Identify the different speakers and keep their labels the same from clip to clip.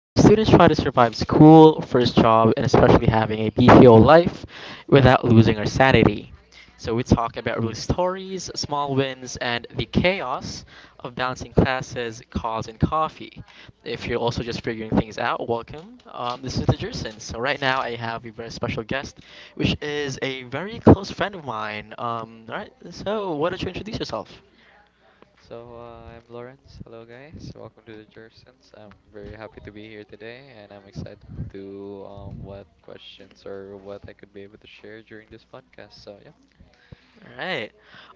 Speaker 1: where students try to survive school, first job, and especially having a BPO life without losing our sanity. So we talk about real stories, small wins, and the chaos of balancing classes, calls, and coffee. If you're also just figuring things out, welcome. This is the Jursons. So right now I have a very special guest, which is a very close friend of mine. All right, so why don't you introduce yourself?
Speaker 2: So I'm Lawrence. Hello, guys. Welcome to the Jursons. I'm very happy to be here today, and I'm excited to what questions or what I could be able to share during this podcast. So yeah,
Speaker 1: Alright.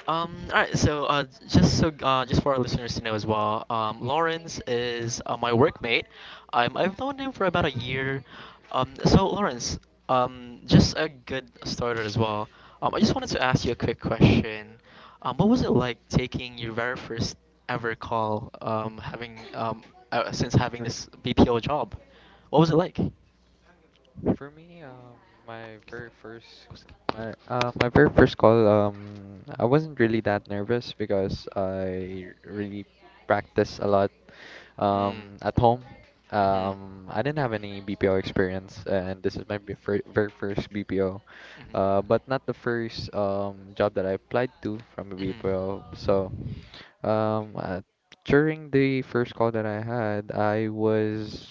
Speaker 1: Alright, so just for our listeners to know as well, Lawrence is my workmate. I've known him for about a year. So Lawrence, just a good starter as well. I just wanted to ask you a quick question. What was it like taking your very first ever call? Having Since having this BPO job, what was it like?
Speaker 2: for me, my very first my very first call. I wasn't really that nervous because I really practiced a lot.
Speaker 1: Mm.
Speaker 2: At home,
Speaker 1: Mhm.
Speaker 2: I didn't have any BPO experience, and this is my very first BPO,
Speaker 1: Mhm.
Speaker 2: but not the first job that I applied to from a
Speaker 1: Mhm.
Speaker 2: BPO. So, um, uh, during the first call that I had, I was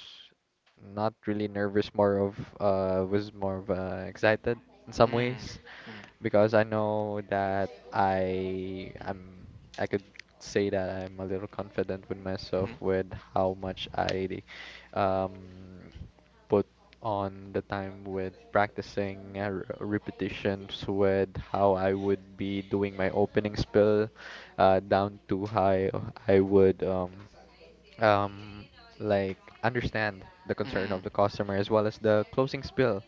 Speaker 2: not really nervous, more of excited in some
Speaker 1: Mm.
Speaker 2: ways
Speaker 1: Mm.
Speaker 2: because I know that I could say that I'm a little confident with myself with how much I um put on the time with practicing repetitions with how I would be
Speaker 1: Mhm.
Speaker 2: doing
Speaker 1: Hmm.
Speaker 2: my opening spill, down to how I would um like understand the concern of the customer as well as the closing spill.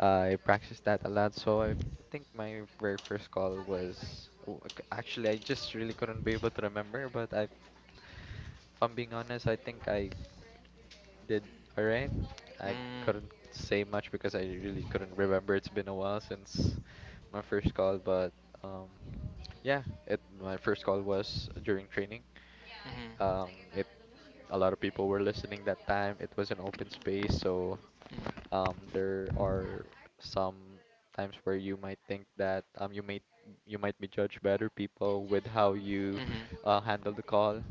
Speaker 2: I practiced that a lot, so I think my very first call was, oh, actually I just really couldn't be able to remember, but if I'm being honest, I think I did all right.
Speaker 1: Not.
Speaker 2: I couldn't say much because I really couldn't remember. It's been a while since my first call, but um, yeah, it my first call was during training.
Speaker 1: Mhm.
Speaker 2: It A lot of people were listening that time. It was an open space, so
Speaker 1: Mm.
Speaker 2: there are some times where you might think that, you might be judged by other people with how
Speaker 1: Mhm.
Speaker 2: you handle the
Speaker 1: Handle.
Speaker 2: call,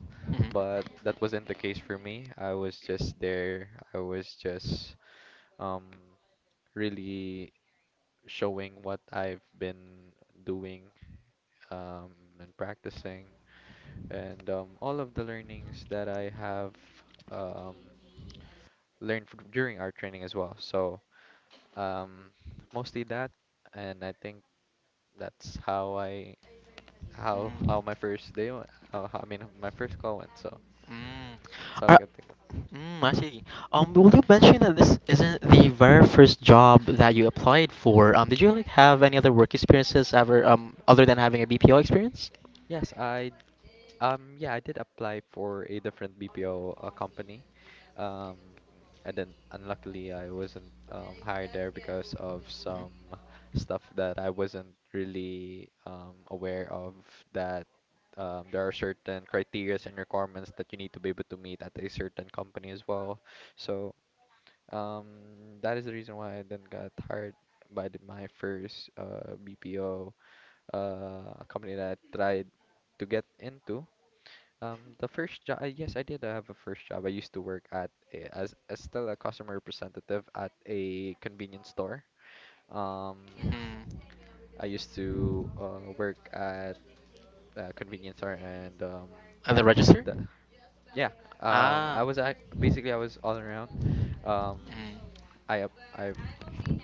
Speaker 2: but that wasn't the case for me. I was just there. I was just um, really showing what I've been doing um, and practicing, and all of the learnings that I have um, learned during our training as well. So. Um, Mostly that, and I think that's how I how my first day went. How I mean, my first call went. So
Speaker 1: Mm.
Speaker 2: that's all I
Speaker 1: Are,
Speaker 2: can think of.
Speaker 1: Sorry. I see. Will you mention that this isn't the very first job that you applied for. Did you like have any other work experiences ever, other than having a BPO experience?
Speaker 2: Yes, I yeah, I did apply for a different BPO company. Um, and then unluckily I
Speaker 1: Um,
Speaker 2: wasn't
Speaker 1: I
Speaker 2: hired there
Speaker 1: never
Speaker 2: because of
Speaker 1: was some.
Speaker 2: some stuff that I wasn't really aware of, that there are certain criterias and requirements that you need to be able to meet at a certain company as well. So, um, that is the reason why I then got hired by my first BPO company that I tried to get into. The first job, yes, I did have a first job. I used to work at as still a customer representative at a convenience store. Um,
Speaker 1: Mm-hmm. Mm.
Speaker 2: I used to work at a convenience store, and
Speaker 1: At the register?
Speaker 2: the,
Speaker 1: No.
Speaker 2: yeah,
Speaker 1: Ah, I was act basically.
Speaker 2: basically I was all around.
Speaker 1: um
Speaker 2: Um,
Speaker 1: Mm.
Speaker 2: I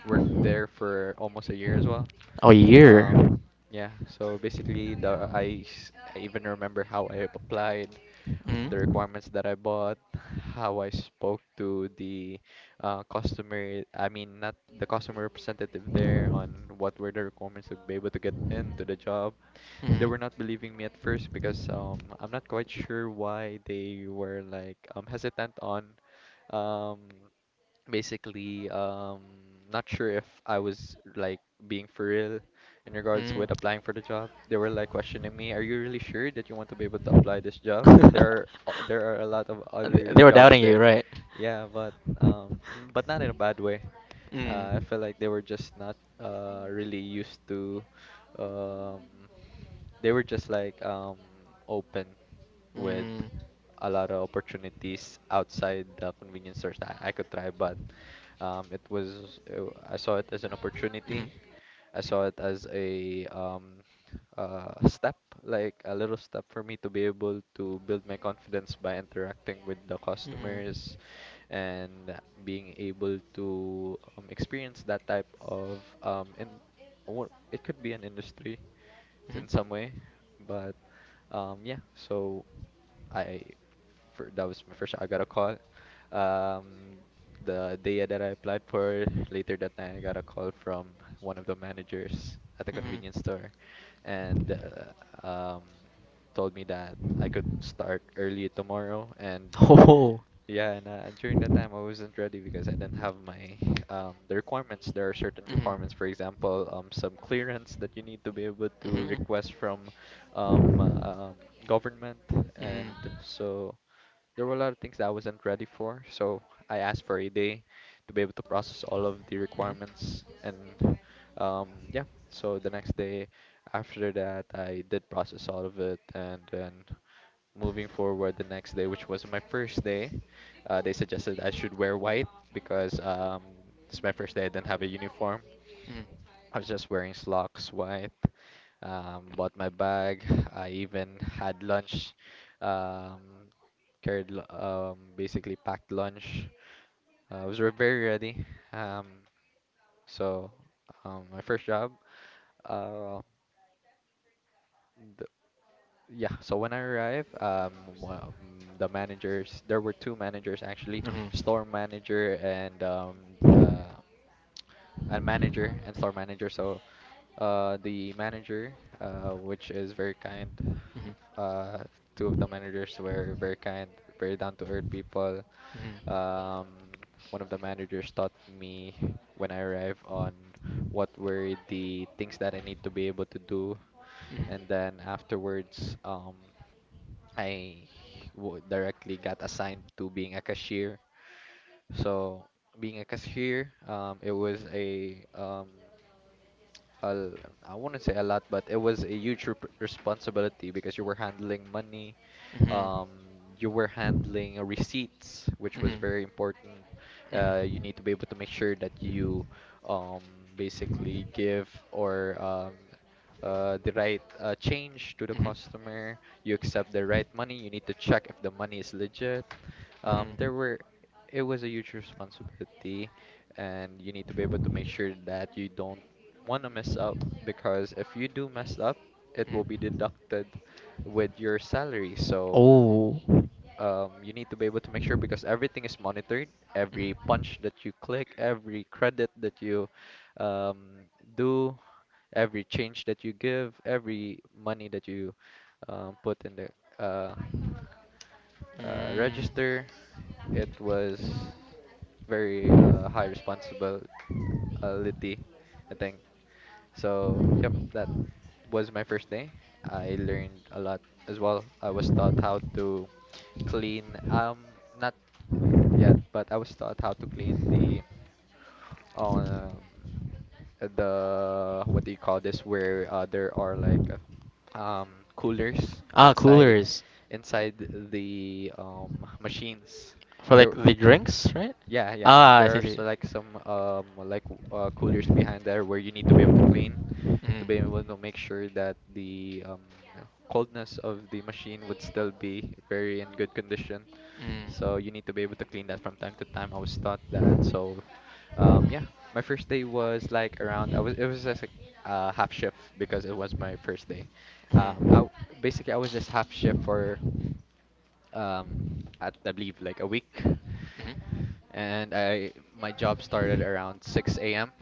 Speaker 2: worked there for almost a year as well.
Speaker 1: Oh, a
Speaker 2: Um,
Speaker 1: year.
Speaker 2: yeah, so basically I even remember how I applied,
Speaker 1: Mm.
Speaker 2: the
Speaker 1: We were warm.
Speaker 2: requirements that I bought, how I spoke to the customer, I mean, not the customer representative there, on what were the requirements to be able to get into the job.
Speaker 1: Mm.
Speaker 2: They
Speaker 1: We were
Speaker 2: were
Speaker 1: not.
Speaker 2: not believing me at
Speaker 1: First
Speaker 2: first
Speaker 1: because
Speaker 2: because,
Speaker 1: um.
Speaker 2: I'm not quite sure why they were like, hesitant on, um, basically not sure if I was like being for real in regards
Speaker 1: Mm.
Speaker 2: with applying for the job. They were like questioning me, "Are you really sure that you want to be able to apply this job? There are a lot of
Speaker 1: Th-
Speaker 2: other
Speaker 1: they were
Speaker 2: jobs
Speaker 1: doubting you,
Speaker 2: there."
Speaker 1: right?
Speaker 2: Yeah, but not in a bad way. I
Speaker 1: Mm.
Speaker 2: felt like they were just not really used to, um they were just like open with
Speaker 1: Mm.
Speaker 2: a lot of opportunities outside the convenience stores that I could try, but it was I saw it as an opportunity. I saw it as a, step, like a little step for me to be able to build my confidence by interacting with the
Speaker 1: Mm.
Speaker 2: customers and being able to experience that type of, it could be an
Speaker 1: Mhm.
Speaker 2: industry in some way, but yeah, so I for, that was my first I got a call. Um, the day that I applied for, later that night I got a call from one of the managers at the
Speaker 1: Mhm. Mhm.
Speaker 2: convenience store, and told me that I could start early tomorrow, and
Speaker 1: Oh.
Speaker 2: yeah, and during that time, I wasn't ready because I didn't have my the requirements. There are certain requirements, for example, some clearance that you need to be able to request from, um, uh, um, government,
Speaker 1: Mm-hmm.
Speaker 2: and
Speaker 1: To.
Speaker 2: so there were a lot of things that I wasn't ready for. So I asked for a day to be able to process all of the requirements, and yeah. So the next day after that, I did process all of it, and then moving forward the next day, which was my first day, they suggested I should wear white because, it's my first day. I didn't have a uniform.
Speaker 1: Mm-hmm.
Speaker 2: I was just wearing slacks, white. Bought my bag. I even had lunch. Um, Basically packed lunch. Very ready. Um, so my first job. Uh, Yeah, so when I arrived, the managers, there were two managers, actually,
Speaker 1: Hmm.
Speaker 2: store manager and, uh, a manager and store manager. So the manager, which is very kind,
Speaker 1: Hmm.
Speaker 2: uh, two of the managers were very kind, very down to earth people. Um, One of the managers taught me when I arrived on what were the things that I need to be able to do, and then afterwards, I directly got assigned to being a cashier. So being a cashier, it was I wouldn't say a lot, but it was a huge responsibility because you were handling money, um, you were handling receipts, which was very important. You need to be able to make sure that you um, basically give, or the right change to the
Speaker 1: Mhm. Mhm.
Speaker 2: customer. You accept the right money. You need to check if the money is legit. Um, there were, it was a huge responsibility, and you need to be able to make sure that you don't want to mess up because if you do mess up, it will be deducted with your salary. So,
Speaker 1: Oh.
Speaker 2: you need to be able to make sure because everything is monitored. Every punch that you click, every credit that you um, do, every change that you give, every money that you put in the
Speaker 1: Mm.
Speaker 2: register, it was very high responsibility, I think. So, yep, that was my first day. I learned a lot as well. I was taught how to clean, not yet, but I was taught how to clean the, um what do you call this, where there are like, coolers
Speaker 1: Ah,
Speaker 2: inside
Speaker 1: coolers.
Speaker 2: the machines.
Speaker 1: For like
Speaker 2: There
Speaker 1: the drinks, right?
Speaker 2: Yeah, yeah.
Speaker 1: Ah, I see,
Speaker 2: There's
Speaker 1: see.
Speaker 2: like some like coolers
Speaker 1: Mm.
Speaker 2: behind there where you need to be able to
Speaker 1: Mm.
Speaker 2: clean,
Speaker 1: Mm.
Speaker 2: to be
Speaker 1: Mhm.
Speaker 2: able to make sure that the coldness of the machine would still be very in good condition. So you need to be able to clean that from time to time. I was taught that. So, yeah, my first day was like around. I was It was just like half shift because it was my first day. Um, I w- Basically I was just half shift for, um, at I believe like a week, and I my job started around 6 a.m.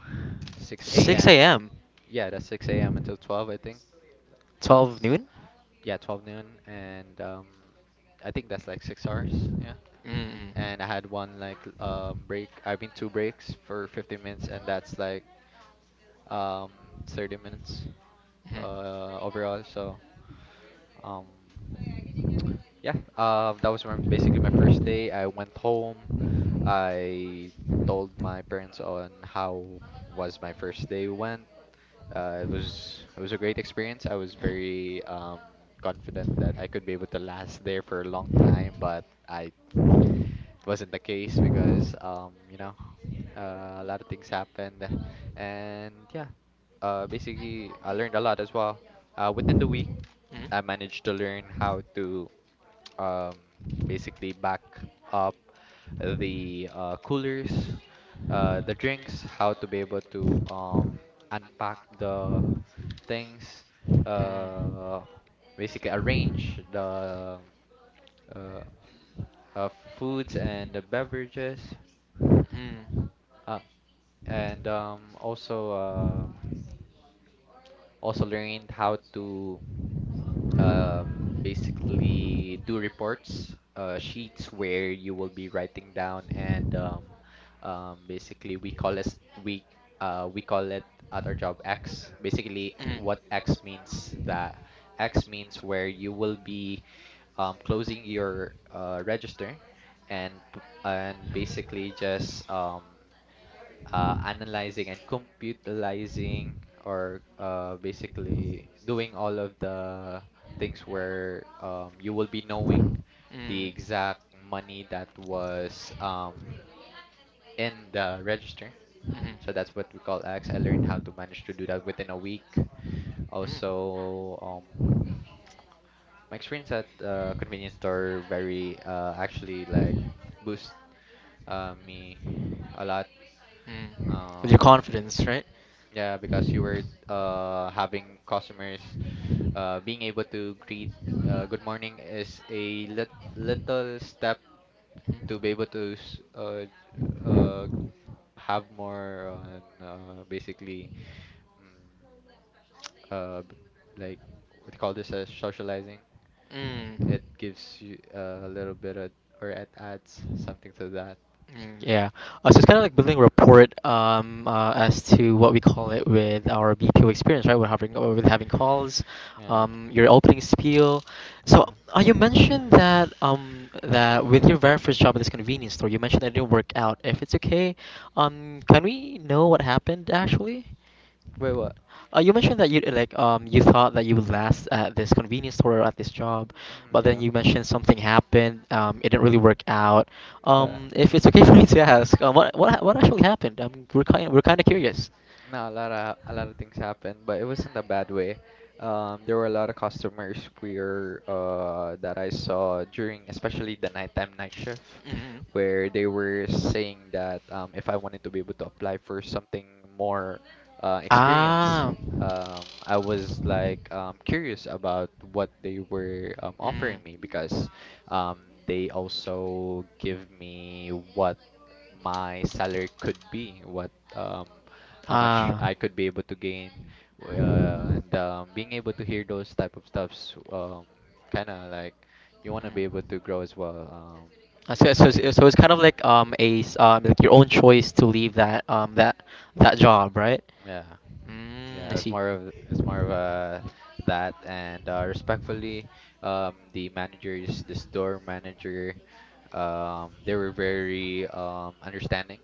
Speaker 2: 6 a.m.
Speaker 1: 6 a.m.
Speaker 2: Yeah, that's 6 a.m. until 12, I think. Uh,
Speaker 1: 12 noon?
Speaker 2: yeah, 12 noon, and I think that's like 6 hours. Yeah.
Speaker 1: And
Speaker 2: And I had one like break. I mean two breaks for 15 minutes, and that's like um 30 minutes overall. So, um yeah, that was my basically my first day. I went home. I told my parents on how was my first day went. It was a great experience. I was very confident that I could be able to last there for a long time, but I it wasn't the case because, a lot of things happened, and yeah,
Speaker 1: basically
Speaker 2: basically I learned a lot as
Speaker 1: I
Speaker 2: well.
Speaker 1: the the
Speaker 2: Within the week,
Speaker 1: the to
Speaker 2: I managed
Speaker 1: to
Speaker 2: to learn
Speaker 1: to
Speaker 2: how to um, basically back up the
Speaker 1: how
Speaker 2: coolers, the drinks, how to be able to unpack the things,
Speaker 1: uh,
Speaker 2: uh, basically arrange the uh, uh, foods and the beverages,
Speaker 1: Mm. Hmm.
Speaker 2: uh, and also. Also learned how to basically do reports, sheets where you will be writing down and basically we call it we we call it at our job X. Basically, what X means that X means where you will be closing your register and basically just analyzing and computilizing or basically doing all of the things where you will be knowing the exact money that was in the register. So that's what we call X. I learned how to manage to do that within a week. Also, my experience at convenience store very actually like boost me a lot.
Speaker 1: Mm. With your
Speaker 2: Um,
Speaker 1: confidence, right?
Speaker 2: Yeah, because you were having customers being able to greet good morning is a little step to be able to uh, have more on basically mm, uh, b- like what do you call this as socializing.
Speaker 1: Yeah. Mm.
Speaker 2: It gives you a little bit of, or it adds something to that.
Speaker 1: Mm, yeah. So it's kind of like building rapport as to what we call it with our BPO experience, right? We're having With having calls,
Speaker 2: Yeah,
Speaker 1: your opening spiel. So
Speaker 2: yeah.
Speaker 1: you mentioned that that with your very first job at this convenience store, you mentioned that it didn't work out. If it's okay, can we know what happened actually?
Speaker 2: Wait, what?
Speaker 1: You mentioned that you you thought that you would last at this convenience store or at this job,
Speaker 2: Mhm.
Speaker 1: but then
Speaker 2: Yeah.
Speaker 1: you mentioned something happened. It didn't really work out.
Speaker 2: Uh,
Speaker 1: If it's okay for me to ask, what actually happened? We're kind of curious.
Speaker 2: No, a lot of things happened, but it wasn't a bad way. There were a lot of customers where that I saw during, especially the nighttime night shift,
Speaker 1: Hmm.
Speaker 2: where they were saying that if I wanted to be able to apply for something more experience,
Speaker 1: Ah.
Speaker 2: I was like curious about what they were
Speaker 1: Mm.
Speaker 2: offering me because they also give me what my salary could be, what how much
Speaker 1: Ah.
Speaker 2: I could be able to gain, w-
Speaker 1: Mhm.
Speaker 2: and being able to hear those type of stuffs, kind of like you want to be able to grow as well.
Speaker 1: Uh, So, so,
Speaker 2: Yeah,
Speaker 1: it's- so it's kind of like like your own choice to leave that that job, right?
Speaker 2: yeah,
Speaker 1: Mm,
Speaker 2: yeah.
Speaker 1: I
Speaker 2: It's
Speaker 1: see.
Speaker 2: more of it's more of
Speaker 1: Mhm.
Speaker 2: uh, that, and respectfully, the managers, the store manager, they were very understanding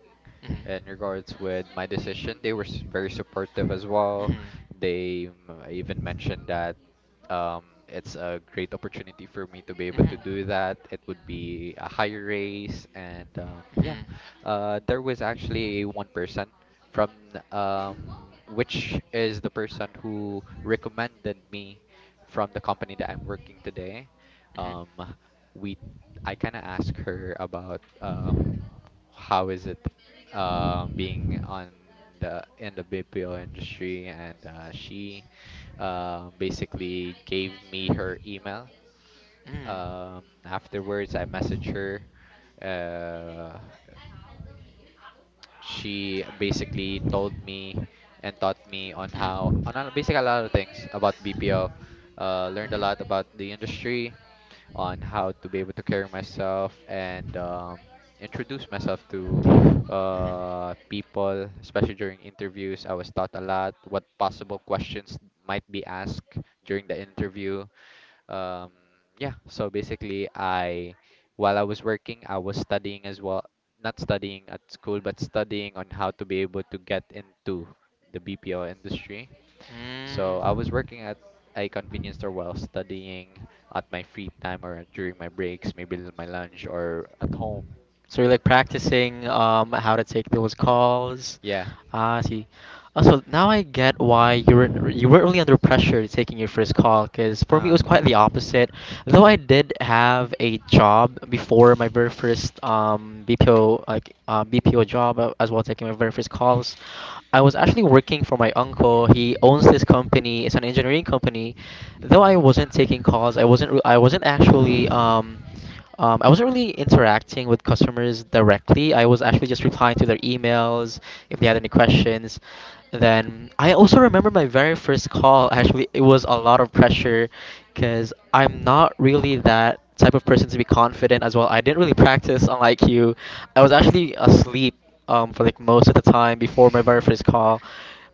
Speaker 2: in regards with my decision. They were very supportive as well. They even mentioned that it's a great opportunity for me to be able
Speaker 1: Mhm.
Speaker 2: to do that. It would be a
Speaker 1: Mhm.
Speaker 2: higher raise, and yeah,
Speaker 1: Mhm.
Speaker 2: there was actually one person from um, which is the person who recommended me from the company that I'm working today. Um, we I kind of asked her about how is it being on the BPO industry and she basically gave me her email afterwards I messaged her uh, she basically told me and taught me on basically a lot of things about BPO. Uh, learned a lot about the industry on how to be able to carry myself and introduce myself to
Speaker 1: Mhm.
Speaker 2: people, especially during interviews. I was taught a lot what possible questions might be asked during the interview. Um, yeah, so basically, I while I was working, I was studying as well. Not studying at school, but studying on how to be able to get into the BPO industry. So I was
Speaker 1: Mm.
Speaker 2: working at a convenience store while studying at my free time or during my breaks, maybe my lunch or at home.
Speaker 1: So you're like practicing how to take those calls.
Speaker 2: Yeah.
Speaker 1: Ah, I see. Also, now I get why you weren't really under pressure taking your first call. Cause for me it
Speaker 2: Uh,
Speaker 1: was quite the opposite. Though I did have a job before my very first BPO job as well taking my very first calls. I was actually working for my uncle. He owns this company. It's an engineering company. Though I wasn't taking calls, I wasn't actually I wasn't really interacting with customers directly. I was actually just replying to their emails if they had any questions. Then I also remember my very first call. Actually, it was a lot of pressure because I'm not really that type of person to be confident as well. I didn't really practice, unlike you. I was actually asleep for like most of the time before my very first call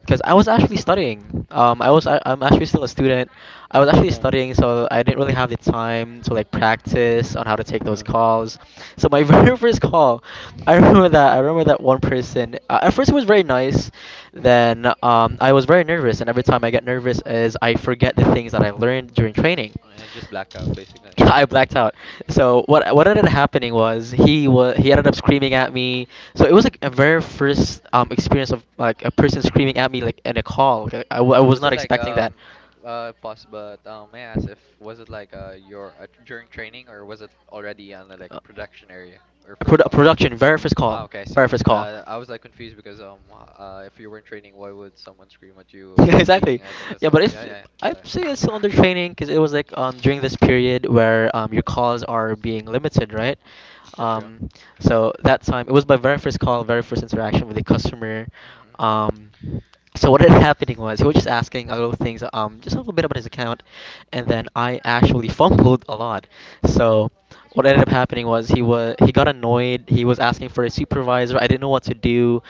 Speaker 1: because I was actually studying. I'm actually still a student. I was actually studying, so I didn't really have the time to like practice on how to take those calls. So my very first call, I remember that one person. At first, it was very nice. Then I was very nervous, and every time I get nervous, is I forget the things that I learned during training.
Speaker 2: and just blackout basically.
Speaker 1: Yeah, I blacked out. So what ended up happening was he ended up screaming at me. So it was like a very first experience of like a person screaming at me like in a call. Like, I was
Speaker 2: Was it
Speaker 1: not
Speaker 2: like
Speaker 1: expecting that.
Speaker 2: pos but may I ask if was it like your during training or was it already on the, like a
Speaker 1: Uh,
Speaker 2: production area or
Speaker 1: A
Speaker 2: first call?
Speaker 1: production very first
Speaker 2: Ah,
Speaker 1: call,
Speaker 2: okay, I see.
Speaker 1: very first call.
Speaker 2: I was like confused because if you were not training, why would someone scream at you
Speaker 1: Yeah,
Speaker 2: being
Speaker 1: exactly.
Speaker 2: a chef?
Speaker 1: Yeah,
Speaker 2: So
Speaker 1: but
Speaker 2: yeah,
Speaker 1: it's
Speaker 2: yeah, yeah.
Speaker 1: I
Speaker 2: Sorry.
Speaker 1: say it's still under training because it was like during this period where your calls are being limited, right?
Speaker 2: Yeah, sure.
Speaker 1: um so that time it was my very first call, very first interaction with a customer.
Speaker 2: Mhm.
Speaker 1: um so what ended happening was he was just asking a little things, just a little bit about his account, and then I actually fumbled a lot.
Speaker 2: Yeah,
Speaker 1: So
Speaker 2: that's
Speaker 1: what
Speaker 2: right.
Speaker 1: ended up happening was he got annoyed. He was asking for a supervisor. I didn't know what to do.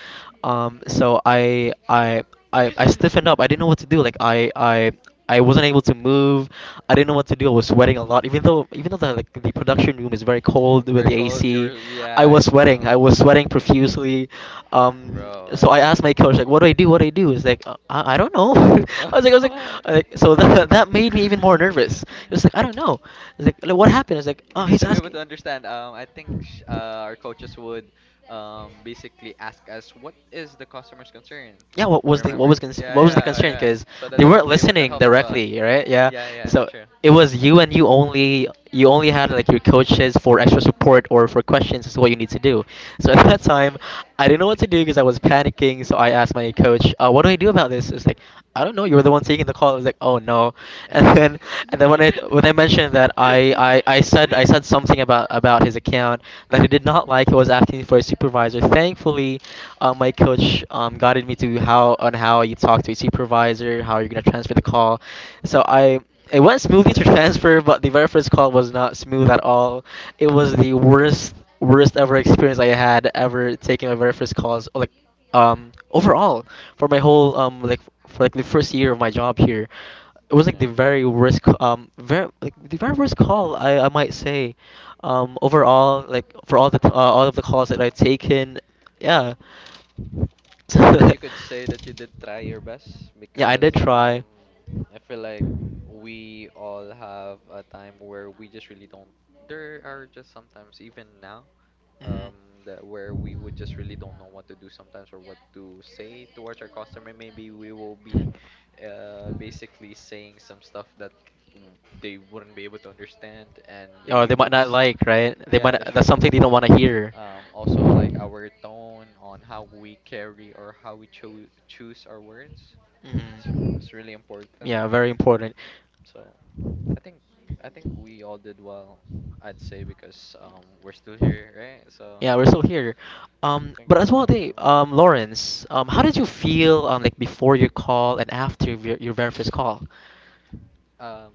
Speaker 1: um, so I I I stiffened up. I didn't know what to do. I wasn't able to move. I didn't know what to do. I was sweating a lot, even though the production room is very cold with
Speaker 2: Very
Speaker 1: the
Speaker 2: cold.
Speaker 1: AC.
Speaker 2: Your
Speaker 1: I
Speaker 2: yeah,
Speaker 1: was
Speaker 2: I
Speaker 1: sweating. I
Speaker 2: know,
Speaker 1: was sweating profusely.
Speaker 2: bro, I
Speaker 1: So I
Speaker 2: know.
Speaker 1: asked my coach like, "What do I do? What do I do?" It's like, I don't know. I was like, I was like, I like so that that made me even more nervous. It was like, I don't know. It's like, what happened? It's like,
Speaker 2: You
Speaker 1: oh,
Speaker 2: need
Speaker 1: he's
Speaker 2: to be able
Speaker 1: asking.
Speaker 2: to understand. I think sh our coaches would basically ask us what is the customer's concern.
Speaker 1: Yeah, what was the what
Speaker 2: Remember?
Speaker 1: was con-
Speaker 2: Yeah,
Speaker 1: what was
Speaker 2: yeah,
Speaker 1: the
Speaker 2: oh,
Speaker 1: concern?
Speaker 2: yeah.
Speaker 1: Because
Speaker 2: So that
Speaker 1: they
Speaker 2: they could
Speaker 1: weren't
Speaker 2: be able to
Speaker 1: listening
Speaker 2: help as well.
Speaker 1: directly, right? Yeah,
Speaker 2: Yeah, yeah, that's
Speaker 1: so
Speaker 2: true.
Speaker 1: it was you and you only. You only had like your coaches for extra support or for questions is what you need to do. So at that time, I didn't know what to do because I was panicking. So I asked my coach, "What do I do about this?" It's like, "I don't know." You were the one taking the call. I was like, oh no. And then when I mentioned that I said something about his account that he did not like. He was asking for a supervisor. Thankfully my coach guided me to how on how you talk to a supervisor, how you're gonna transfer the call. So I it went smoothly
Speaker 2: Silly
Speaker 1: to transfer,
Speaker 2: escalator.
Speaker 1: but the very first call was not smooth at all. It was the worst ever experience I had ever taking my very first calls. Like, overall, for my whole for like the first year of my job here, it was like the
Speaker 2: Yeah, no.
Speaker 1: very worst c- very like the very worst call, I might say. Overall, like for all the all of the calls that I've taken, yeah.
Speaker 2: You could say that you did try your best
Speaker 1: Yeah, I
Speaker 2: because
Speaker 1: did try.
Speaker 2: I feel like we all have a time where we just really don't there are just sometimes even now um that where we would just really don't know what to do sometimes or what to say towards our customer maybe we will be
Speaker 1: Mhm. Mhm.
Speaker 2: basically saying
Speaker 1: Or they might not like, right? They might that's something they don't want to hear.
Speaker 2: also, like our tone on how we carry or how we choose our words is
Speaker 1: Mhm.
Speaker 2: really important.
Speaker 1: Yeah, very important.
Speaker 2: So I think I think we all did well, I'd say, because we're still here, right? So
Speaker 1: Yeah, we're still here. But as well, Lawrence, how did you feel like before your call and after your very first call?
Speaker 2: um,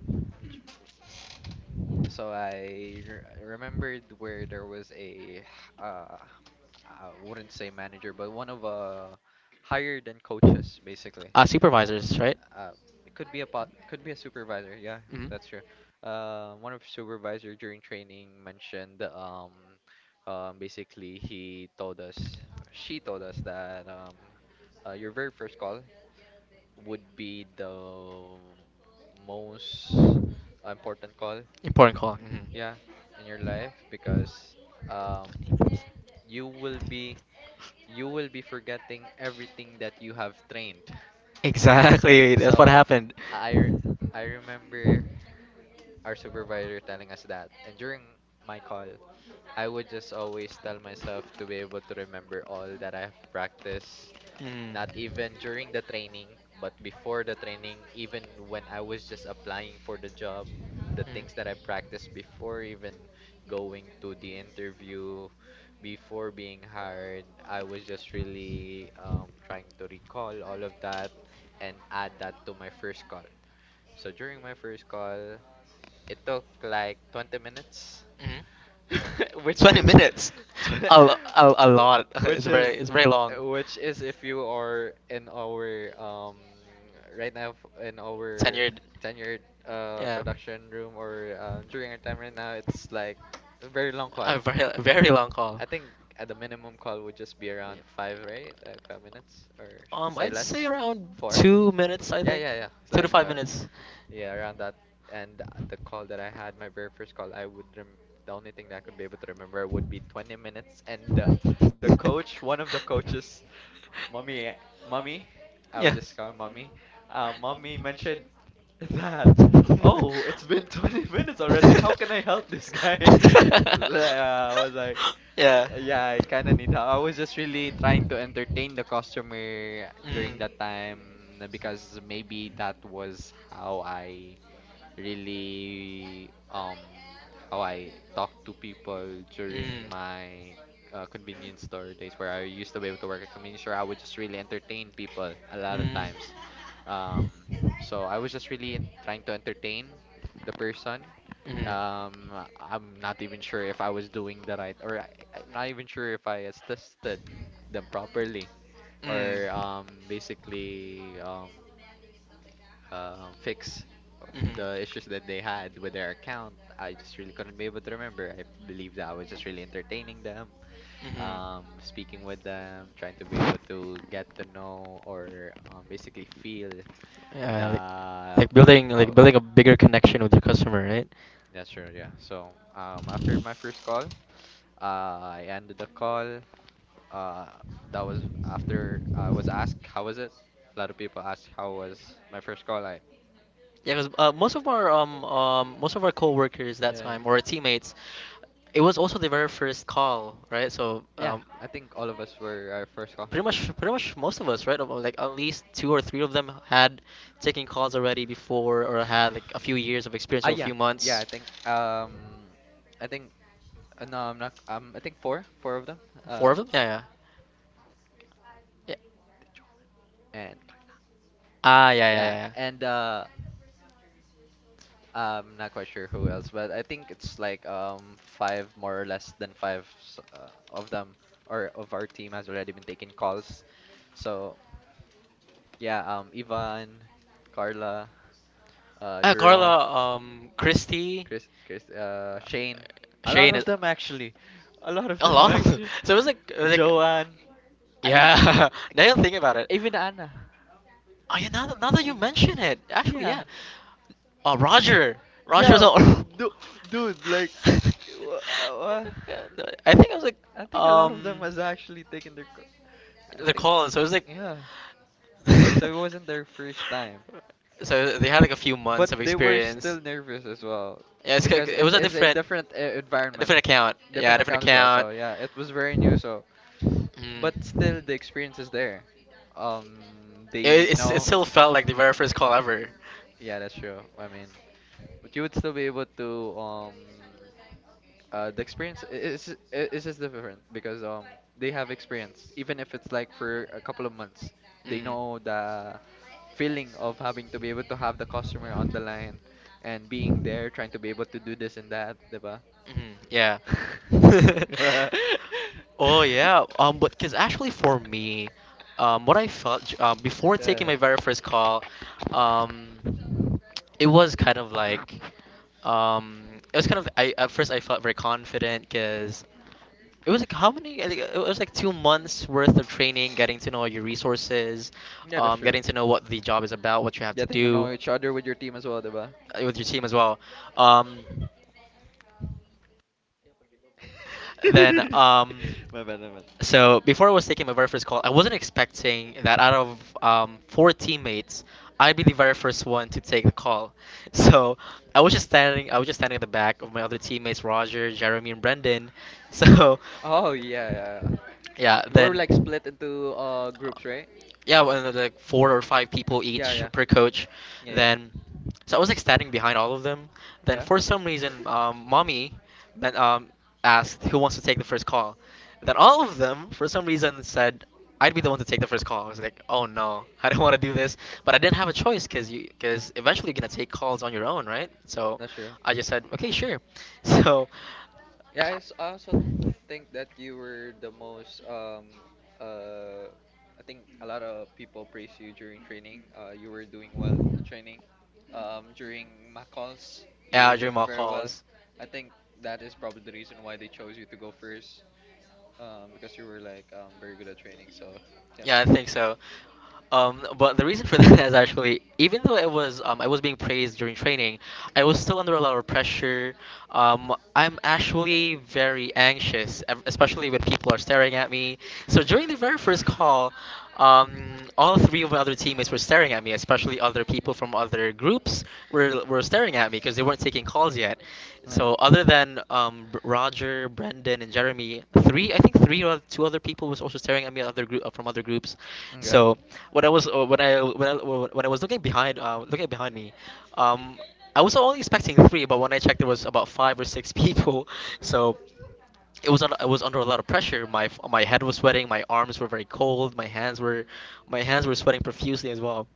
Speaker 2: I re remembered where there was I wouldn't say manager, but one of higher than coaches basically.
Speaker 1: Supervisors, right?
Speaker 2: Uh, it could be a pot, could be a supervisor. Yeah,
Speaker 1: Hmm.
Speaker 2: that's true. One of supervisor during training mentioned basically she told us that your very first call would be the most important call,
Speaker 1: Important call. Hmm.
Speaker 2: yeah, in your life because um, you will be you will be forgetting everything that you have trained.
Speaker 1: Exactly. That's what
Speaker 2: So
Speaker 1: happened.
Speaker 2: I re- I remember our supervisor telling us that, and during my call, I would just always tell myself to be able to remember all that I have practiced, not even during the training, but before the training, even when I was just applying for the job, the things that I practiced before even going to the interview, before being hired, I was just really trying to recall all of that and add that to my first call. So during my first call, it took like 20 minutes
Speaker 1: Mhm.
Speaker 2: which
Speaker 1: Twenty
Speaker 2: is
Speaker 1: minutes.
Speaker 2: tw-
Speaker 1: A lo- a lot.
Speaker 2: which is
Speaker 1: It's very long.
Speaker 2: which is if you are in our right now in our
Speaker 1: Tenured.
Speaker 2: tenured
Speaker 1: Yeah.
Speaker 2: production room or during our time right now it's like a very long call.
Speaker 1: A very very long call.
Speaker 2: I think at the minimum call would just be around five, right? Like 5 minutes or should say
Speaker 1: I'd say
Speaker 2: less,
Speaker 1: around
Speaker 2: four.
Speaker 1: 2 minutes. I
Speaker 2: Yeah,
Speaker 1: think
Speaker 2: yeah, yeah. It's
Speaker 1: two to
Speaker 2: like
Speaker 1: five minutes.
Speaker 2: yeah, around that. And the call that I had, my very first call, I would rem the only thing that I could be able to remember would be 20 minutes, and the coach, one of the coaches, mommy, mommy, I would just call her mommy. Mommy mentioned that, oh, it's been 20 minutes already. How can I help this guy?
Speaker 1: I
Speaker 2: Like, I was
Speaker 1: was like,
Speaker 2: like,
Speaker 1: yeah. Yeah.
Speaker 2: yeah, I kind of need help. I was just really trying to entertain the customer during that time because maybe that was how I really how I talk to people during my convenience store days where I used to be able to work at convenience store. I would just really entertain people a lot of times. Um, so I was just really trying to entertain the person. Um, I'm not even sure if I was doing the right, or I'm not even sure if I assisted them properly, or basically fix the issues that they had with their account. I just really couldn't be able to remember. I believe that I was just really entertaining them,
Speaker 1: Mm.
Speaker 2: speaking with them, trying to be able to get to know or basically feel
Speaker 1: Yeah, like,
Speaker 2: the
Speaker 1: like
Speaker 2: how.
Speaker 1: building a bigger connection with your customer, right?
Speaker 2: Yeah, sure. Yeah. So after my first call, I ended the call. Uh, that was after I was asked how was it. A lot of people asked how was my first call. I
Speaker 1: Yeah, because most of our coworkers that
Speaker 2: yeah, yeah.
Speaker 1: time or our teammates, it was also the very first call, right? So
Speaker 2: Yeah, I think all of us were our first call.
Speaker 1: pretty much, pretty much most of us, right? About, like at least two or three of them had taken calls already before or had like a few years of experience
Speaker 2: Ah,
Speaker 1: or a
Speaker 2: yeah,
Speaker 1: few
Speaker 2: yeah.
Speaker 1: months.
Speaker 2: I think no, I'm not. I think four, four of them. Uh,
Speaker 1: Four of them. Yeah, yeah, yeah.
Speaker 2: and
Speaker 1: Ah, yeah, yeah,
Speaker 2: yeah,
Speaker 1: yeah.
Speaker 2: and
Speaker 1: Yeah.
Speaker 2: I'm not quite sure who else, but I think it's like five more or less than five of them or of our team has already been taking calls. So yeah, Ivan, Carla,
Speaker 1: Ah,
Speaker 2: Jerome.
Speaker 1: Carla, Christy,
Speaker 2: Chris, Shane. A lot
Speaker 1: Shane,
Speaker 2: of them actually. A lot of
Speaker 1: a
Speaker 2: them
Speaker 1: lot of them.
Speaker 2: actually.
Speaker 1: It was like,
Speaker 2: Joanne. A lot.
Speaker 1: yeah. Now that I think about it.
Speaker 2: Even Anna.
Speaker 1: Oh yeah, now that you
Speaker 2: Y-
Speaker 1: mention it, actually,
Speaker 2: Yeah.
Speaker 1: yeah. Oh, Roger, Roger's
Speaker 2: Yeah.
Speaker 1: all.
Speaker 2: Du- dude, like, w- uh,
Speaker 1: Yeah, no, I think I was like,
Speaker 2: I think a lot of them
Speaker 1: um,
Speaker 2: has actually taken their I
Speaker 1: the
Speaker 2: think,
Speaker 1: call. So it was like,
Speaker 2: yeah. So it wasn't their first time.
Speaker 1: so they had like a few months
Speaker 2: But
Speaker 1: of
Speaker 2: they were
Speaker 1: experience.
Speaker 2: still nervous as well
Speaker 1: Yeah, it's,
Speaker 2: because
Speaker 1: it
Speaker 2: it
Speaker 1: was a
Speaker 2: is a
Speaker 1: different,
Speaker 2: different environment,
Speaker 1: different account. Yeah,
Speaker 2: different
Speaker 1: different
Speaker 2: account as well.
Speaker 1: account.
Speaker 2: So yeah, it was very new.
Speaker 1: Mm.
Speaker 2: So but still the experience is there. They
Speaker 1: It,
Speaker 2: even
Speaker 1: it's, it
Speaker 2: know.
Speaker 1: still felt like the very first call ever.
Speaker 2: Yeah, that's true. I mean, but you would still be able to the is is just different because they have experience, even if it's like for a couple of months. They
Speaker 1: Mm.
Speaker 2: know the feeling of having to be able to have the customer on the line and being there, trying to be able to do this and that, diba?
Speaker 1: Mhm, yeah. Oh yeah. But because actually for me, what I felt before
Speaker 2: Yeah,
Speaker 1: taking my
Speaker 2: yeah.
Speaker 1: very first call, um, it was kind of like, um, it was kind of I at first I felt very confident, because it was like, how many? I think it was like 2 months worth of training, getting to know your resources,
Speaker 2: Yeah, that's true.
Speaker 1: getting to know what the job is about, what you have to
Speaker 2: Getting to know
Speaker 1: do
Speaker 2: each other with your team as well, diba?
Speaker 1: with your team as well. Um, Then,
Speaker 2: My bad, my bad.
Speaker 1: so before I was taking my very first call, I wasn't expecting that out of four teammates, I'd be the very first one to take the call. So I was just standing at the back of my other teammates, Roger, Jeremy, and Brendan. So
Speaker 2: Oh yeah, yeah. Yeah.
Speaker 1: yeah,
Speaker 2: We're
Speaker 1: then
Speaker 2: like split into groups, right?
Speaker 1: yeah, when like four or five people
Speaker 2: Yeah,
Speaker 1: each
Speaker 2: yeah,
Speaker 1: per coach,
Speaker 2: yeah, yeah,
Speaker 1: then so I was like standing behind all of them. Then
Speaker 2: yeah.
Speaker 1: for some reason,
Speaker 2: Mhm.
Speaker 1: mommy, then asked who wants to take the first call. Then all of them, for some reason, said I'd be the one to take the first call. I was like, oh no, I don't want to do this, but I didn't have a choice because you because eventually you're gonna take calls on your own, right? So
Speaker 2: That's true.
Speaker 1: I just said, okay, sure. So
Speaker 2: Yeah, I also think that you were the most uh I think a lot of people praise you during training. You were doing well at training. During MAC calls, you
Speaker 1: yeah,
Speaker 2: were
Speaker 1: you
Speaker 2: doing very well. I think that is probably the reason why they chose you to go first. Because you were like very good at training. So yeah.
Speaker 1: yeah, I think so. But the reason for that is actually, even though I was being praised during training, I was still under a lot of pressure. I'm actually very anxious, especially when people are staring at me. So during the very first call, all three of my other teammates were staring at me, especially other people from other groups were staring at me because they weren't taking calls yet. So other than Roger, Brendan, and Jeremy, three I think three or two other people was also staring at me, other group from other groups.
Speaker 2: Yeah. Okay.
Speaker 1: So when I was looking behind me, um, I was only expecting three, but when I checked, there was about five or six people. So I was under a lot of pressure. My my head was sweating. My arms were very cold. My hands were sweating profusely as well.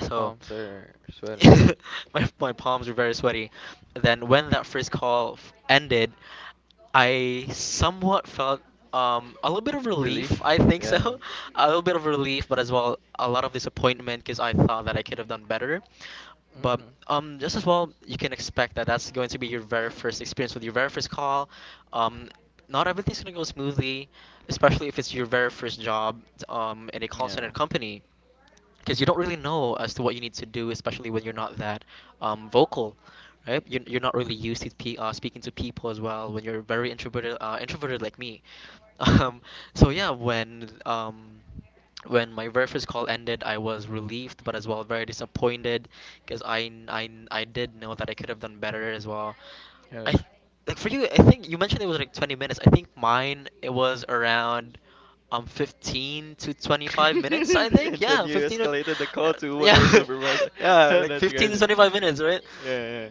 Speaker 1: So
Speaker 2: Palms are sweating.
Speaker 1: my palms were very sweaty. Then when that first call ended, I somewhat felt a little bit of
Speaker 2: Relief.
Speaker 1: relief. I think
Speaker 2: Yeah.
Speaker 1: so, a little bit of relief, but as well a lot of disappointment because I thought that I could have done better. But just as well, you can expect that that's going to be your very first experience with your very first call. Um, not everything's gonna go smoothly, especially if it's your very first job in a call center company, because you don't really know as to what you need to do, especially when you're not that vocal, right? You're not really used to speaking to people as well when you're very introverted, introverted like me. Um, so yeah, when my very first call ended, I was relieved, but as well very disappointed, because I did know that I could have done better as well. I
Speaker 2: Yes.
Speaker 1: th- like for you, I think you mentioned it was like 20 minutes. I think mine it was around 15 to 25 minutes, I think.
Speaker 2: And then
Speaker 1: Yeah,
Speaker 2: you
Speaker 1: 15 to
Speaker 2: escalated the call to one
Speaker 1: yeah,
Speaker 2: of our supervisor.
Speaker 1: yeah, like
Speaker 2: That's
Speaker 1: 15 to
Speaker 2: crazy.
Speaker 1: 25 minutes, right?
Speaker 2: Yeah, yeah.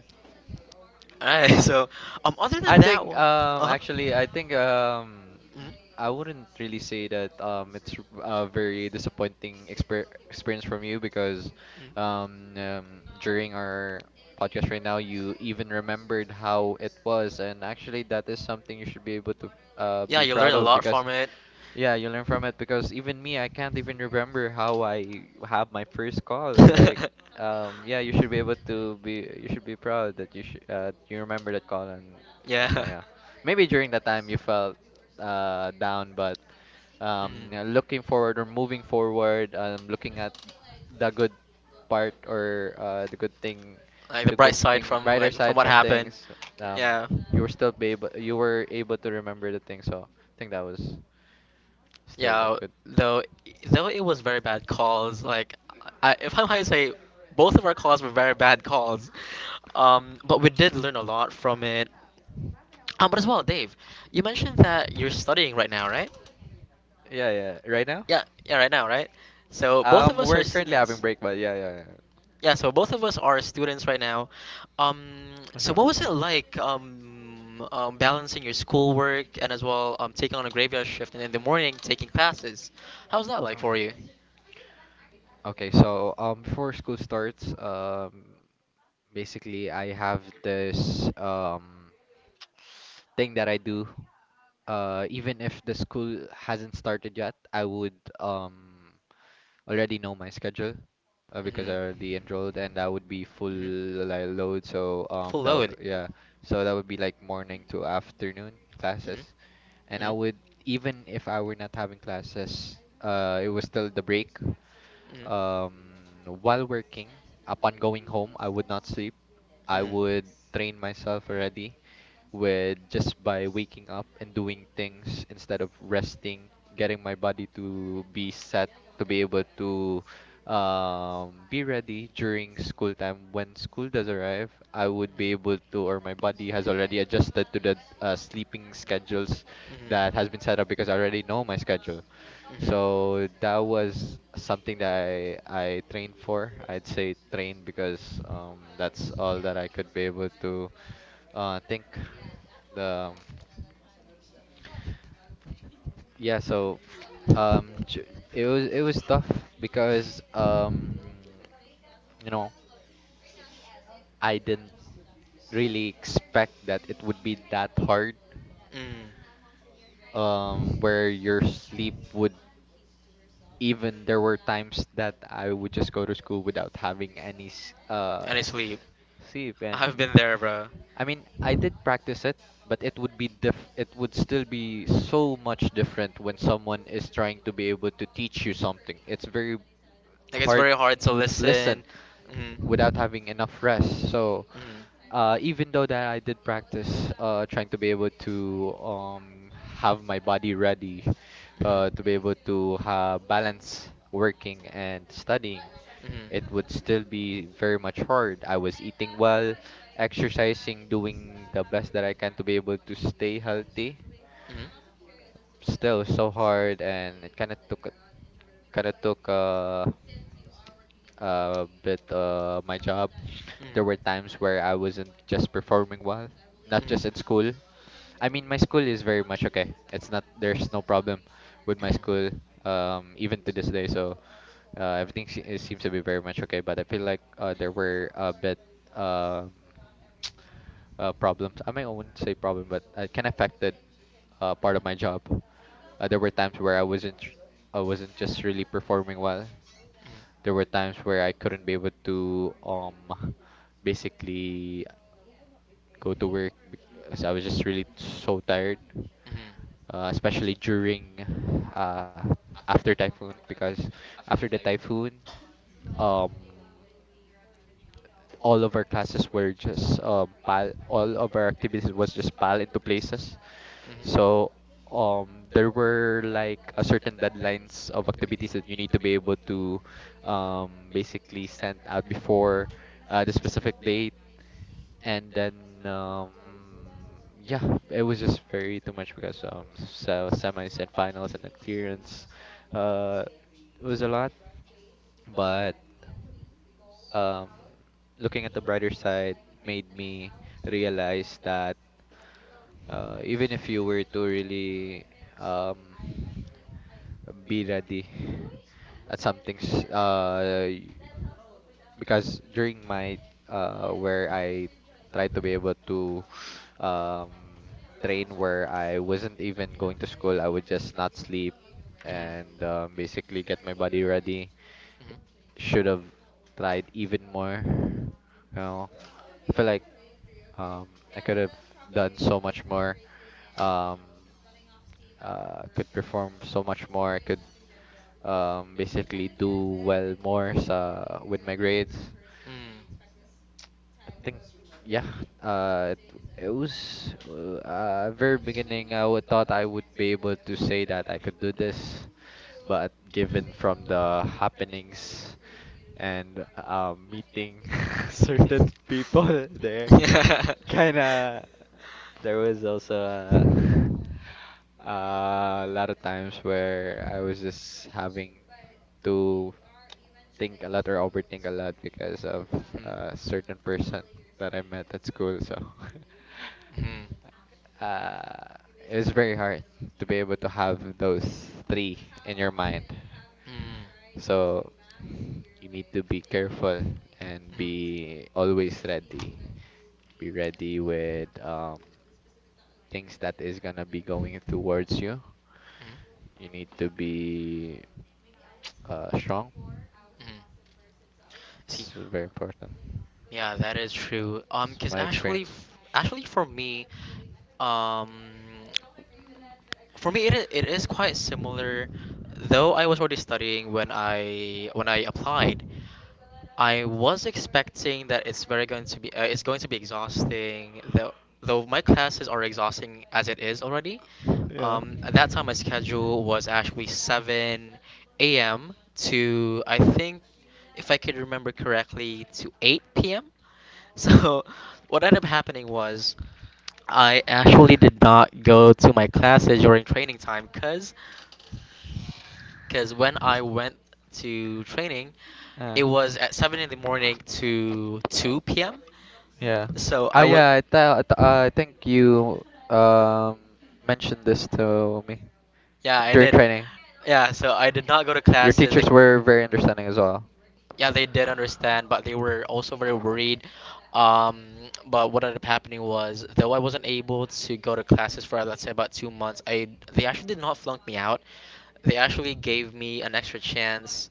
Speaker 1: All right. So other
Speaker 2: I
Speaker 1: than that
Speaker 2: think
Speaker 1: one. Uh-huh.
Speaker 2: actually,
Speaker 1: Mhm.
Speaker 2: I wouldn't really say that it's a very disappointing experience from you, because
Speaker 1: Mhm.
Speaker 2: um, um during our podcast right now you even remembered how it was, and actually that is something you should be able to
Speaker 1: Yeah,
Speaker 2: be
Speaker 1: you learn
Speaker 2: proud
Speaker 1: a
Speaker 2: of,
Speaker 1: lot
Speaker 2: because
Speaker 1: from it.
Speaker 2: yeah, you learn from it, because even me, I can't even remember how I have my first call like yeah, you should be able to be. You should be proud that you should. You remember that, Colin.
Speaker 1: Yeah.
Speaker 2: Yeah, maybe during that time you felt down, but yeah, looking forward or moving forward, looking at the
Speaker 1: Mhm.
Speaker 2: good part, or the good thing,
Speaker 1: Like the bright side from
Speaker 2: brighter
Speaker 1: like from
Speaker 2: side
Speaker 1: what
Speaker 2: from
Speaker 1: happened.
Speaker 2: things. Um,
Speaker 1: Yeah.
Speaker 2: you were still be able. You were able to remember the thing, so I think that was still a
Speaker 1: Yeah,
Speaker 2: good.
Speaker 1: though it was very bad calls. Like, I, if I'm high, say both of our calls were very bad calls. But we did learn a lot from it. But as well, Dave, you mentioned that you're studying right now, right?
Speaker 2: Yeah, yeah. Right now,
Speaker 1: Yeah, yeah, right now, right? So both of us are.
Speaker 2: we're currently having break, but yeah, yeah, yeah.
Speaker 1: Yeah, so both of us are students right now. So what was it like, balancing your schoolwork and as well taking on a graveyard shift and in the morning taking classes? How's that like
Speaker 2: Okay.
Speaker 1: for you?
Speaker 2: Okay, so before school starts, basically I have this thing that I do. Even if the school hasn't started yet, I would already know my schedule
Speaker 1: Hmm,
Speaker 2: because
Speaker 1: hmm.
Speaker 2: I already enrolled, and that would be full, like, load. So
Speaker 1: Full
Speaker 2: that
Speaker 1: load.
Speaker 2: yeah, so that would be like morning to afternoon classes,
Speaker 1: Hmm,
Speaker 2: and I would,
Speaker 1: hmm,
Speaker 2: even if I were not having classes, it was still the break. While working, upon going home, I would not sleep.
Speaker 1: hmm,
Speaker 2: I
Speaker 1: hmm.
Speaker 2: would train myself already with just by waking up and doing things instead of resting, getting my body to be set to be able to be ready during school time. When school does arrive, I would be able to, or my
Speaker 1: Mm-hmm.
Speaker 2: body has already adjusted to the sleeping schedules that has been set up because I already know my schedule. So that was something that I trained for. I'd say trained because that's all that I could be able to think. The yeah, so um j- it was tough because you know, I didn't really expect that it would be that hard, where your sleep would, even there were times that I would just go to school without having any
Speaker 1: Honestly, sleep,
Speaker 2: sleep, and
Speaker 1: been there, bro.
Speaker 2: I mean, I did practice it, but it would be diff it would still be so much different when someone is trying to be able to teach you something. It's very
Speaker 1: Like it's
Speaker 2: hard
Speaker 1: very hard to listen.
Speaker 2: listen
Speaker 1: Mm. Mm.
Speaker 2: without having
Speaker 1: Mm.
Speaker 2: enough rest. So even though that I did practice trying to be able to have my body ready to be able to ha balance working and studying, it would still be very much hard. I was eating well, exercising, doing the best that I can to be able to stay healthy.
Speaker 1: Mhm. Mhm.
Speaker 2: Still so hard, and it kind of took a bit my job, there were times where I wasn't just performing well, not just in school. I mean, my school is very much okay. It's not, there's no problem with my school, even to this day. So everything it seems to be very much okay. But I feel like there were a bit um problems. I mean, I wouldn't say problem, but it can affected part of my job. There were times where I wasn't just really performing well. There were times
Speaker 1: Mhm.
Speaker 2: where I couldn't be able to basically go to work because I was just really so tired,
Speaker 1: Mhm. Uh.
Speaker 2: especially during uh after typhoon, because after the typhoon, um all of our activities was just pal into places. So there were like a certain deadlines of activities that you need to be able to basically send out before the specific date, and then um yeah, it was just very too much because so semis and finals and then clearance, uh it was a lot, but um looking at the brighter side, it made me realize that even if you were to really um be ready at some things, because during my where I tried to be able to um train where I wasn't even going to school, I would just not sleep and basically get my body ready.
Speaker 1: Mhm.
Speaker 2: Should have tried even more. You know, I feel like um I could have done so much more. Um could perform so much more. I could basically do well more sa with my grades.
Speaker 1: Mm.
Speaker 2: I think yeah, it, it was very beginning I would thought I would be able to say that I could do this, but given from the happenings and meeting certain people there,
Speaker 1: There.
Speaker 2: kind of there was also a, a lot of times where I was just having to think a lot or overthink a lot because of a certain person that I met at school. So
Speaker 1: Mhm.
Speaker 2: uh, it was very hard to be able to have those three in your mind.
Speaker 1: Mm.
Speaker 2: So you need to be careful and be always ready. Be ready with things that is gonna be going towards you. You need to be strong.
Speaker 1: Mhm. Mhm. See,
Speaker 2: That's very important.
Speaker 1: yeah, that is true.
Speaker 2: That's
Speaker 1: 'Cause
Speaker 2: my
Speaker 1: actually,
Speaker 2: experience.
Speaker 1: f actually for me, um, for me, it is quite similar, though I was already studying when I applied. I was expecting that it's very going to be it's going to be exhausting. Though my classes are exhausting as it is already.
Speaker 2: Yeah.
Speaker 1: At that time, my schedule was actually 7 a.m. to, I think, if I could remember correctly, to 8 p.m. So, what ended up happening was I actually did not go to my classes during training time, because when I went to training,
Speaker 2: Uh,
Speaker 1: it was at 7 in the morning to 2 p.m.
Speaker 2: Yeah.
Speaker 1: So
Speaker 2: ah
Speaker 1: I was...
Speaker 2: yeah, I th- I, th- I think you um mentioned this to me
Speaker 1: Yeah, I
Speaker 2: during
Speaker 1: did.
Speaker 2: training.
Speaker 1: Yeah, so I did not go to
Speaker 2: Your
Speaker 1: class.
Speaker 2: teachers were very understanding as well.
Speaker 1: Yeah, they did understand, but they were also very worried. Um but what ended up happening was, though I wasn't able to go to classes for let's say about 2 months, I they actually did not flunk me out. They actually gave me an extra chance.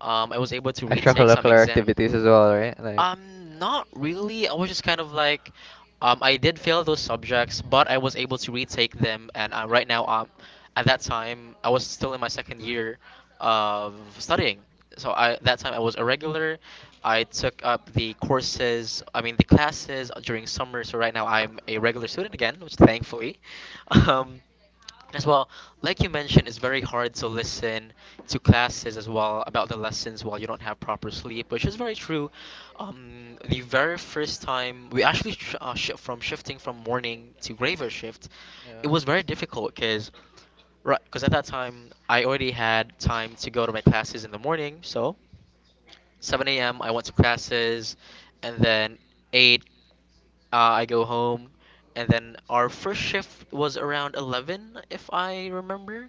Speaker 1: I was able to retake some.
Speaker 2: Extracurricular activities as well, right? Like
Speaker 1: Not really. I was just kind of like, I did fail those subjects, but I was able to retake them, and right now, at that time, I was still in my second year of studying. So I that time I was a regular. I took up the courses, I mean the classes during summer. So right now I'm a regular student again, which thankfully, um, as well, like you mentioned, it's very hard to listen to classes as well about the lessons while you don't have proper sleep, which is very true. The very first time we actually from shifting from morning to graveyard shift, it
Speaker 2: yeah,
Speaker 1: was very difficult because right, because at that time I already had time to go to my classes in the morning. So 7 a.m. I went to classes, and then 8, I go home, and then our first shift was around 11 if I remember.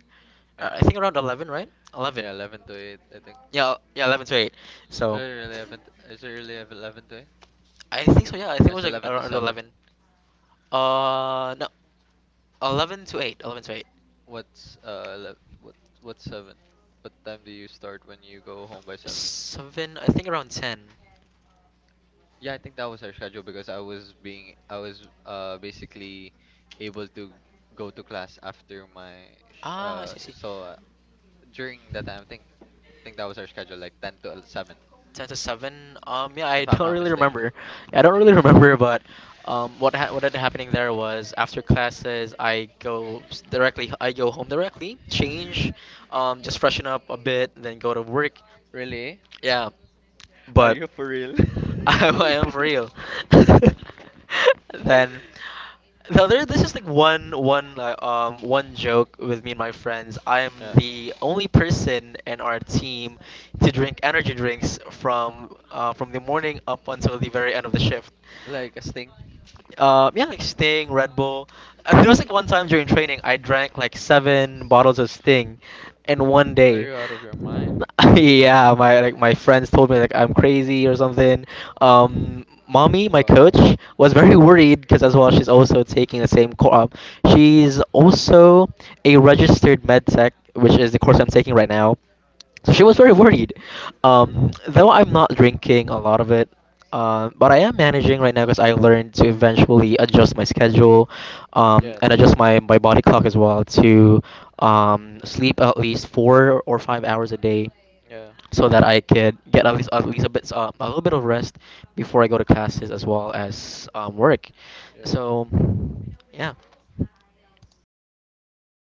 Speaker 2: yeah,
Speaker 1: I think around 11, right? 11.
Speaker 2: yeah. 11 to 8, I think.
Speaker 1: Yeah, yeah, 11 to 8. So.
Speaker 2: Or 11? To, is it really 11 to 8?
Speaker 1: I think so. Yeah, I think it
Speaker 2: It's
Speaker 1: was like
Speaker 2: 11 to
Speaker 1: around
Speaker 2: 7.
Speaker 1: 11. No, 11 to 8. 11 to 8.
Speaker 2: What's what's 7? What time do you start when you go home by 7?
Speaker 1: 7. I think around 10.
Speaker 2: Yeah, I think that was our schedule because I was basically able to go to class after my sh
Speaker 1: Ah, I see. I see.
Speaker 2: so during that time I think that was our schedule, like 10 to 7,
Speaker 1: 10 to 7. Yeah, I
Speaker 2: if I'm
Speaker 1: don't
Speaker 2: not
Speaker 1: really
Speaker 2: mistaken.
Speaker 1: remember. Yeah, I don't really remember, but what ended happening there was, after classes, I go s- directly. I go home directly, change, just freshen up a bit, then go to work.
Speaker 2: Really?
Speaker 1: Yeah,
Speaker 2: Are
Speaker 1: but
Speaker 2: you for real?
Speaker 1: I am for real. Then now there this is like one joke with me and my friends. I am
Speaker 2: Yeah.
Speaker 1: the only person in our team to drink energy drinks from the morning up until the very end of the shift.
Speaker 2: Like a sting?
Speaker 1: Yeah, like Sting, Red Bull. And there was like one time during training, I drank like 7 bottles of Sting in one
Speaker 2: Are
Speaker 1: day.
Speaker 2: you out of your mind?
Speaker 1: Yeah, my like my friends told me like I'm crazy or something. Mommy, my coach,
Speaker 2: Wow.
Speaker 1: was very worried because as well she's also taking the same course. She's also a registered med tech, which is the course I'm taking right now. So she was very worried. Though I'm not drinking a lot of it. But I am managing right now because I learned to eventually adjust my schedule, and adjust my body clock as well to sleep at least 4 or 5 hours a day,
Speaker 2: Yeah,
Speaker 1: so that I could get at least a bit a little bit of rest before I go to classes as well as work.
Speaker 2: yeah.
Speaker 1: So, yeah.